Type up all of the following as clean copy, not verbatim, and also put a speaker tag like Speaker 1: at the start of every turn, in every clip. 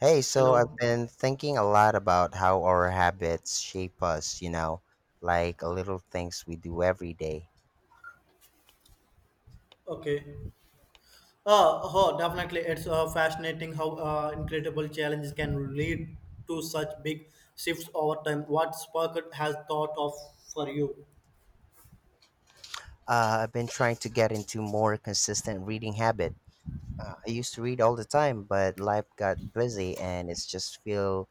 Speaker 1: Hey, so I've
Speaker 2: Hello.
Speaker 1: been thinking a lot about how our habits shape us, you know, like little things we do every day.
Speaker 2: Okay. Uh, oh, definitely. It's fascinating how incredible challenges can lead to such big shifts over time. What Spark has thought of for you?
Speaker 1: I've been trying to get into more consistent reading habit. I used to read all the time, but life got busy and it's just feel,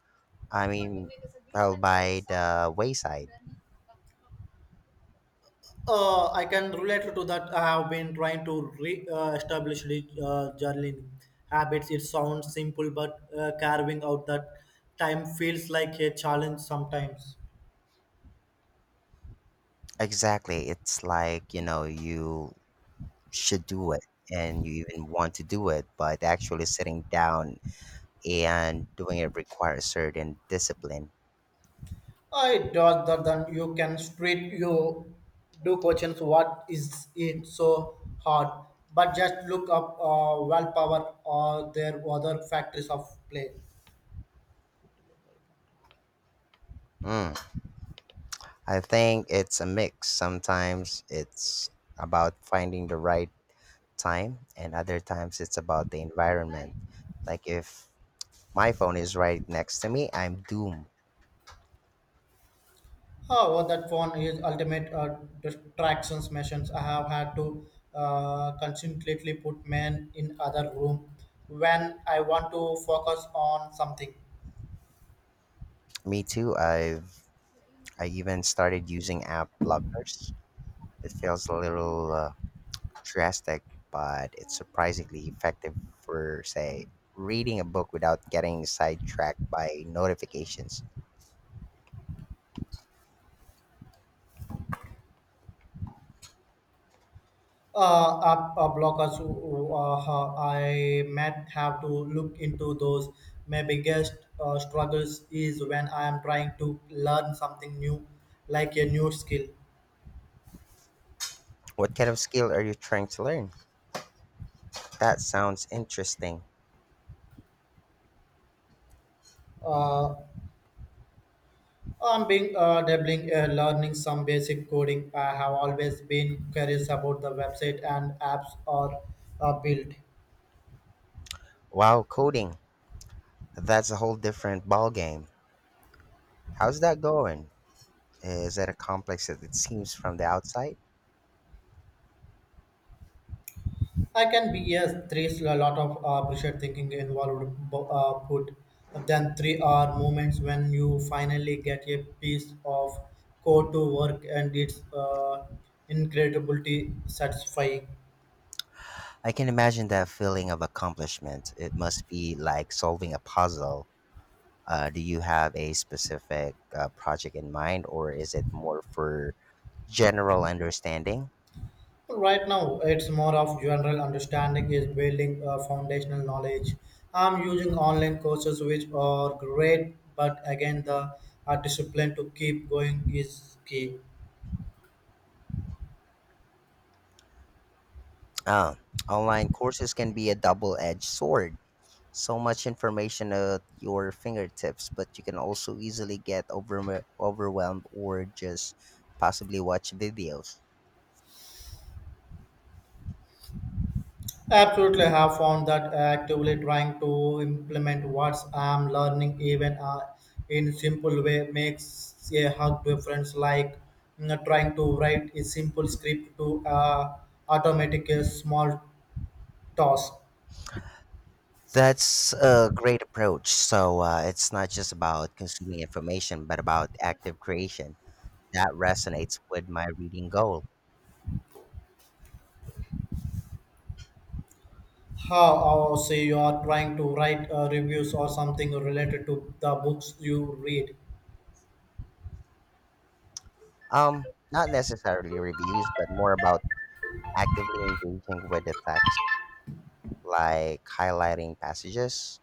Speaker 1: I mean, fell by the wayside.
Speaker 2: I can relate to that. I have been trying to re establish the journaling habits. It sounds simple, but carving out that time feels like a challenge sometimes.
Speaker 1: Exactly. It's like, you know, you should do it and you even want to do it, but actually sitting down and doing it requires certain discipline.
Speaker 2: I dodge that you can street you do questions what is it so hard but just look up willpower or their other factors of play.
Speaker 1: Mm. I think it's a mix. Sometimes it's about finding the right time, and other times it's about the environment. Like if my phone is right next to me, I'm doomed.
Speaker 2: However, that phone is ultimate distractions machines. I have had to constantly put men in other room when I want to focus on something.
Speaker 1: Me too. I even started using app blockers. It feels a little drastic, but it's surprisingly effective for, say, reading a book without getting sidetracked by notifications.
Speaker 2: App blockers, I might have to look into those. My biggest struggles is when I am trying to learn something new, like a new skill.
Speaker 1: What kind of skill are you trying to learn? That sounds interesting.
Speaker 2: Uh, I'm being dabbling, learning some basic coding. I have always been curious about the website and apps are built.
Speaker 1: Wow, coding. That's a whole different ballgame. How's that going? Is it a complex as it seems from the outside?
Speaker 2: I can be yes. There is a lot of pressure thinking involved. Put then three are moments when you finally get a piece of code to work, and it's incredibly satisfying.
Speaker 1: I can imagine that feeling of accomplishment. It must be like solving a puzzle. Do you have a specific project in mind, or is it more for general understanding?
Speaker 2: Right now, it's more of general understanding is building foundational knowledge. I'm using online courses which are great, but again, the discipline to keep going is key.
Speaker 1: Oh, online courses can be a double-edged sword. So much information at your fingertips, but you can also easily get overwhelmed or just possibly watch videos.
Speaker 2: Absolutely, I have found that actively trying to implement what I'm learning, even in simple way, makes a hug difference. Like you know, trying to write a simple script to automatic a small task.
Speaker 1: That's a great approach. So it's not just about consuming information, but about active creation. That resonates with my reading goal.
Speaker 2: How or say you are trying to write reviews or something related to the books you read.
Speaker 1: Not necessarily reviews, but more about actively engaging with the text, like highlighting passages,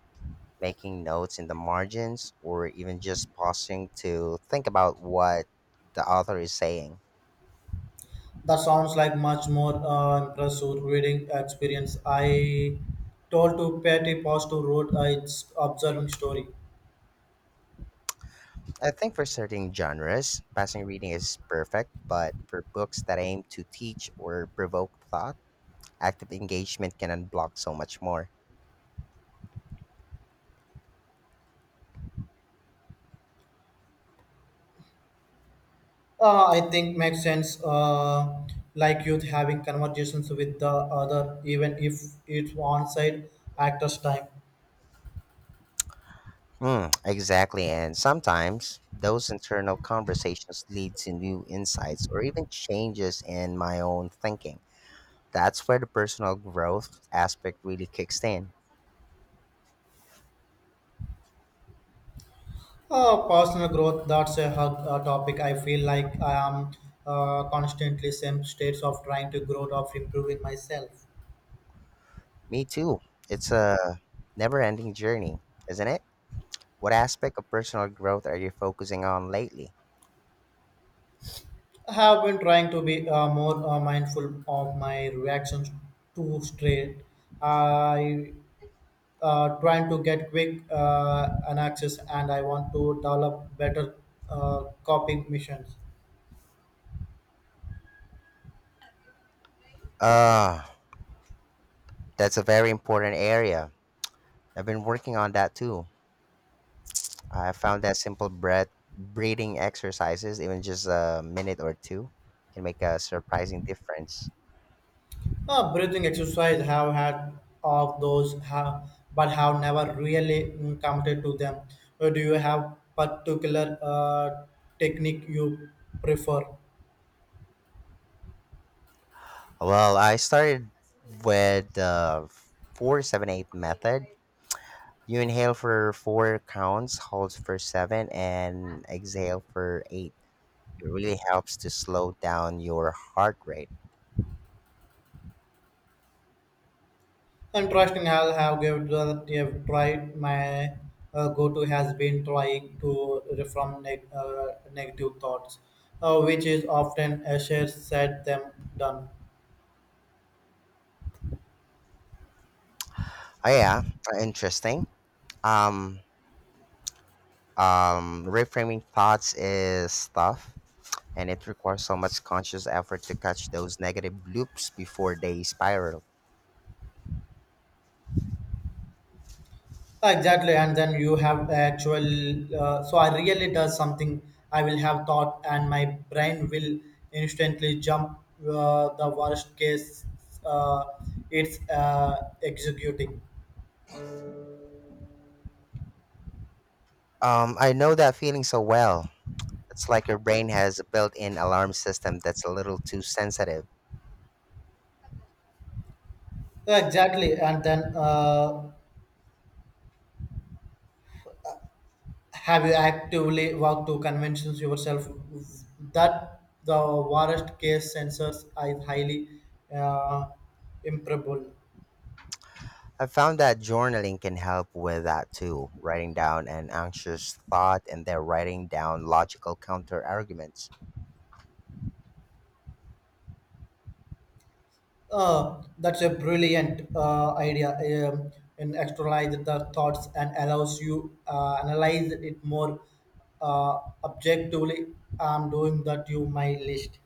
Speaker 1: making notes in the margins, or even just pausing to think about what the author is saying.
Speaker 2: That sounds like much more impressive reading experience. I told to Patty Post to wrote its observing story.
Speaker 1: I think for certain genres, passing reading is perfect, but for books that aim to teach or provoke thought, active engagement can unblock so much more.
Speaker 2: I think makes sense. Like youth having conversations with the other, even if it's one side actor's time.
Speaker 1: Mm, exactly, and sometimes those internal conversations lead to new insights or even changes in my own thinking. That's where the personal growth aspect really kicks in.
Speaker 2: Personal growth, that's a hug topic. I feel like I am constantly same states of trying to grow, of improving myself.
Speaker 1: Me too. It's a never ending journey, isn't it? What aspect of personal growth are you focusing on lately?
Speaker 2: I have been trying to be more mindful of my reactions to straight. I trying to get quick an access and I want to develop better coping missions.
Speaker 1: Ah, that's a very important area. I've been working on that too. I found that simple breathing exercises, even just a minute or two, can make a surprising difference.
Speaker 2: Breathing exercise have had of those have but have never really committed to them. Do you have particular technique you prefer?
Speaker 1: Well, I started with the 4-7-8 method. You inhale for four counts, hold for seven, and exhale for eight. It really helps to slow down your heart rate.
Speaker 2: Interesting. I'll have given that I've tried. My go-to has been trying to reform negative thoughts, which is often a shared set them done.
Speaker 1: Oh yeah, interesting. Um, Reframing thoughts is tough, and it requires so much conscious effort to catch those negative loops before they spiral.
Speaker 2: Exactly, and then you have actual. So I really does something. I will have thought, and my brain will instantly jump the worst case. Uh, it's executing.
Speaker 1: I know that feeling so well. It's like your brain has a built-in alarm system that's a little too sensitive.
Speaker 2: Exactly, and then have you actively worked to conventions yourself that the worst case sensors are highly uh, improbable?
Speaker 1: I found that journaling can help with that too. Writing down an anxious thought and then writing down logical counter arguments.
Speaker 2: That's a brilliant idea. And externalize the thoughts and allows you analyze it more objectively. I'm doing that. You my list.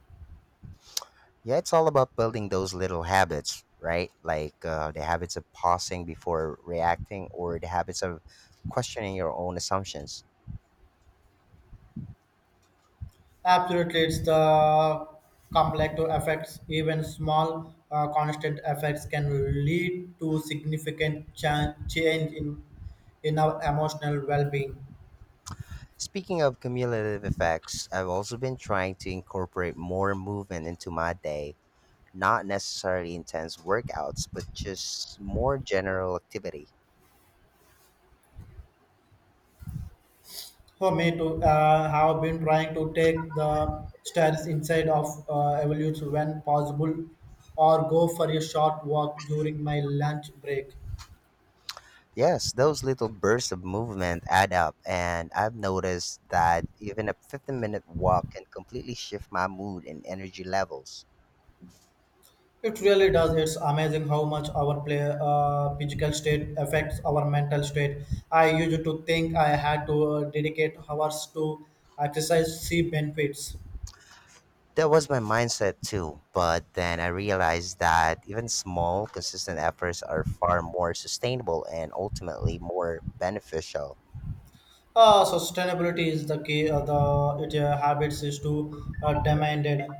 Speaker 1: Yeah, it's all about building those little habits, right? Like the habits of pausing before reacting or the habits of questioning your own assumptions.
Speaker 2: Absolutely, it's the complex effects. Even small constant effects can lead to significant change in our emotional well-being.
Speaker 1: Speaking of cumulative effects, I've also been trying to incorporate more movement into my day, not necessarily intense workouts, but just more general activity.
Speaker 2: For me, to have been trying to take the stairs inside of evolution when possible, or go for a short walk during my lunch break.
Speaker 1: Yes, those little bursts of movement add up, and I've noticed that even a 15-minute minute walk can completely shift my mood and energy levels.
Speaker 2: It really does. It's amazing how much our play, physical state affects our mental state. I used to think I had to dedicate hours to exercise, see benefits.
Speaker 1: That was my mindset too. But then I realized that even small, consistent efforts are far more sustainable and ultimately more beneficial.
Speaker 2: Sustainability is the key. The it, habits is to demanded.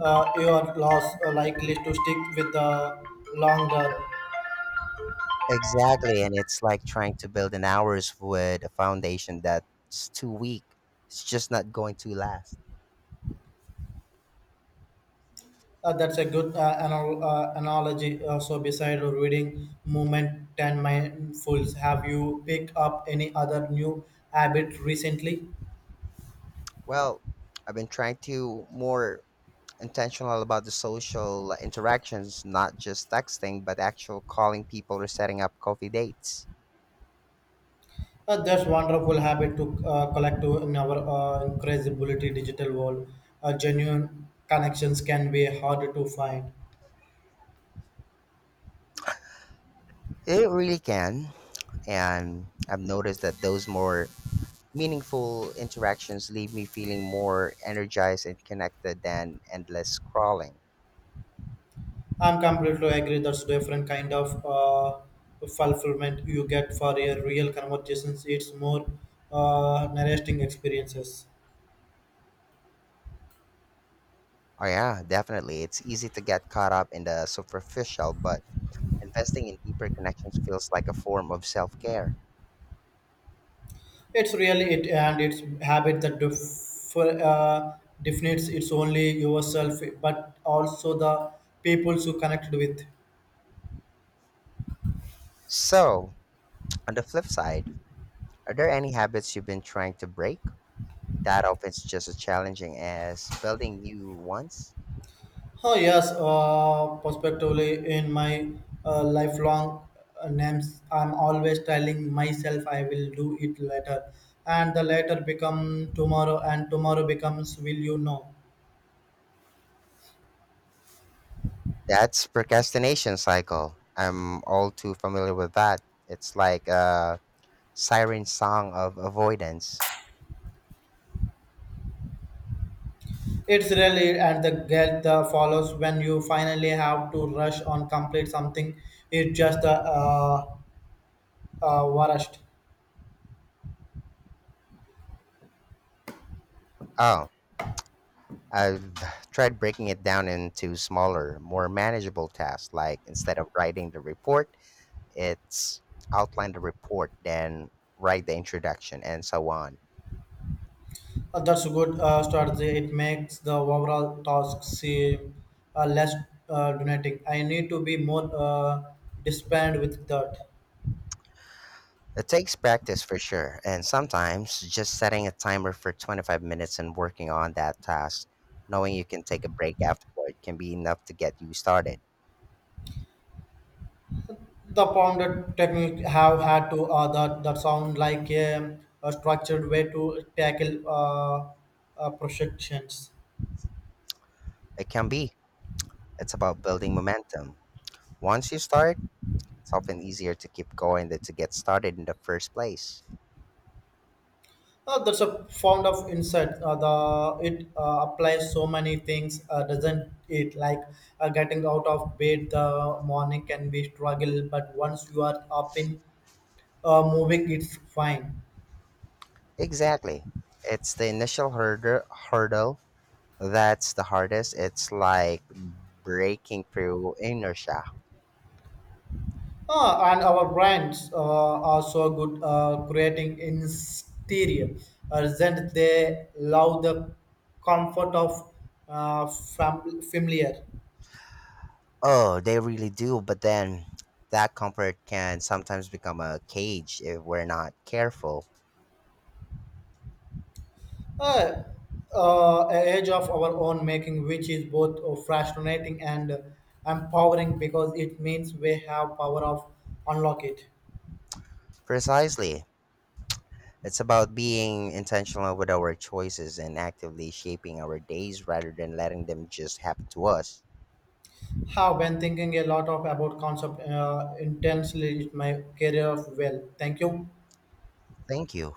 Speaker 2: Your loss are likely to stick with the longer.
Speaker 1: Exactly. And it's like trying to build an hours with a foundation that's too weak. It's just not going to last.
Speaker 2: That's a good analogy. So, beside reading, movement, and mindfuls, have you picked up any other new habit recently?
Speaker 1: Well, I've been trying to more intentional about the social interactions, not just texting, but actual calling people or setting up coffee dates.
Speaker 2: That's wonderful habit to collect to in our incredibility digital world. Genuine connections can be hard to find.
Speaker 1: It really can. And I've noticed that those more meaningful interactions leave me feeling more energized and connected than endless scrolling.
Speaker 2: I'm completely agree. That's different kind of fulfillment you get for a real conversations. It's more nourishing experiences.
Speaker 1: Oh, yeah, definitely. It's easy to get caught up in the superficial, but investing in deeper connections feels like a form of self care.
Speaker 2: It's really it, and it's habit that defines it's only yourself, but also the peoples you connected with.
Speaker 1: So, on the flip side, are there any habits you've been trying to break? That often is just as challenging as building new ones.
Speaker 2: Oh yes, prospectively in my lifelong names, I'm always telling myself I will do it later, and the later become tomorrow, and tomorrow becomes will you know.
Speaker 1: That's procrastination cycle. I'm all too familiar with that. It's like a siren song of avoidance.
Speaker 2: It's really and the get the follows when you finally have to rush on complete something. It's just the worst.
Speaker 1: Oh, I've tried breaking it down into smaller, more manageable tasks. Like instead of writing the report, it's outline the report, then write the introduction, and so on.
Speaker 2: That's a good strategy. It makes the overall task seem less donating. I need to be more disciplined with that.
Speaker 1: It takes practice for sure, and sometimes just setting a timer for 25 minutes and working on that task, knowing you can take a break afterward, can be enough to get you started.
Speaker 2: The pounded technique have had to that that sound like a structured way to tackle projections.
Speaker 1: It can be. It's about building momentum. Once you start, it's often easier to keep going than to get started in the first place.
Speaker 2: That's a found of insight. The it applies so many things, doesn't it? Like getting out of bed the morning can be struggle, but once you are up in moving, it's fine.
Speaker 1: Exactly. It's the initial hurdle that's the hardest. It's like breaking through inertia.
Speaker 2: Ah, and our brands are so good creating exterior. Doesn't they love the comfort of familiar?
Speaker 1: Oh, they really do. But then that comfort can sometimes become a cage if we're not careful.
Speaker 2: uh, a age of our own making, which is both fascinating and empowering because it means we have power of unlock it.
Speaker 1: Precisely. It's about being intentional with our choices and actively shaping our days rather than letting them just happen to us.
Speaker 2: Have been thinking a lot of about concept intensely in my career. Well, thank you.
Speaker 1: Thank you.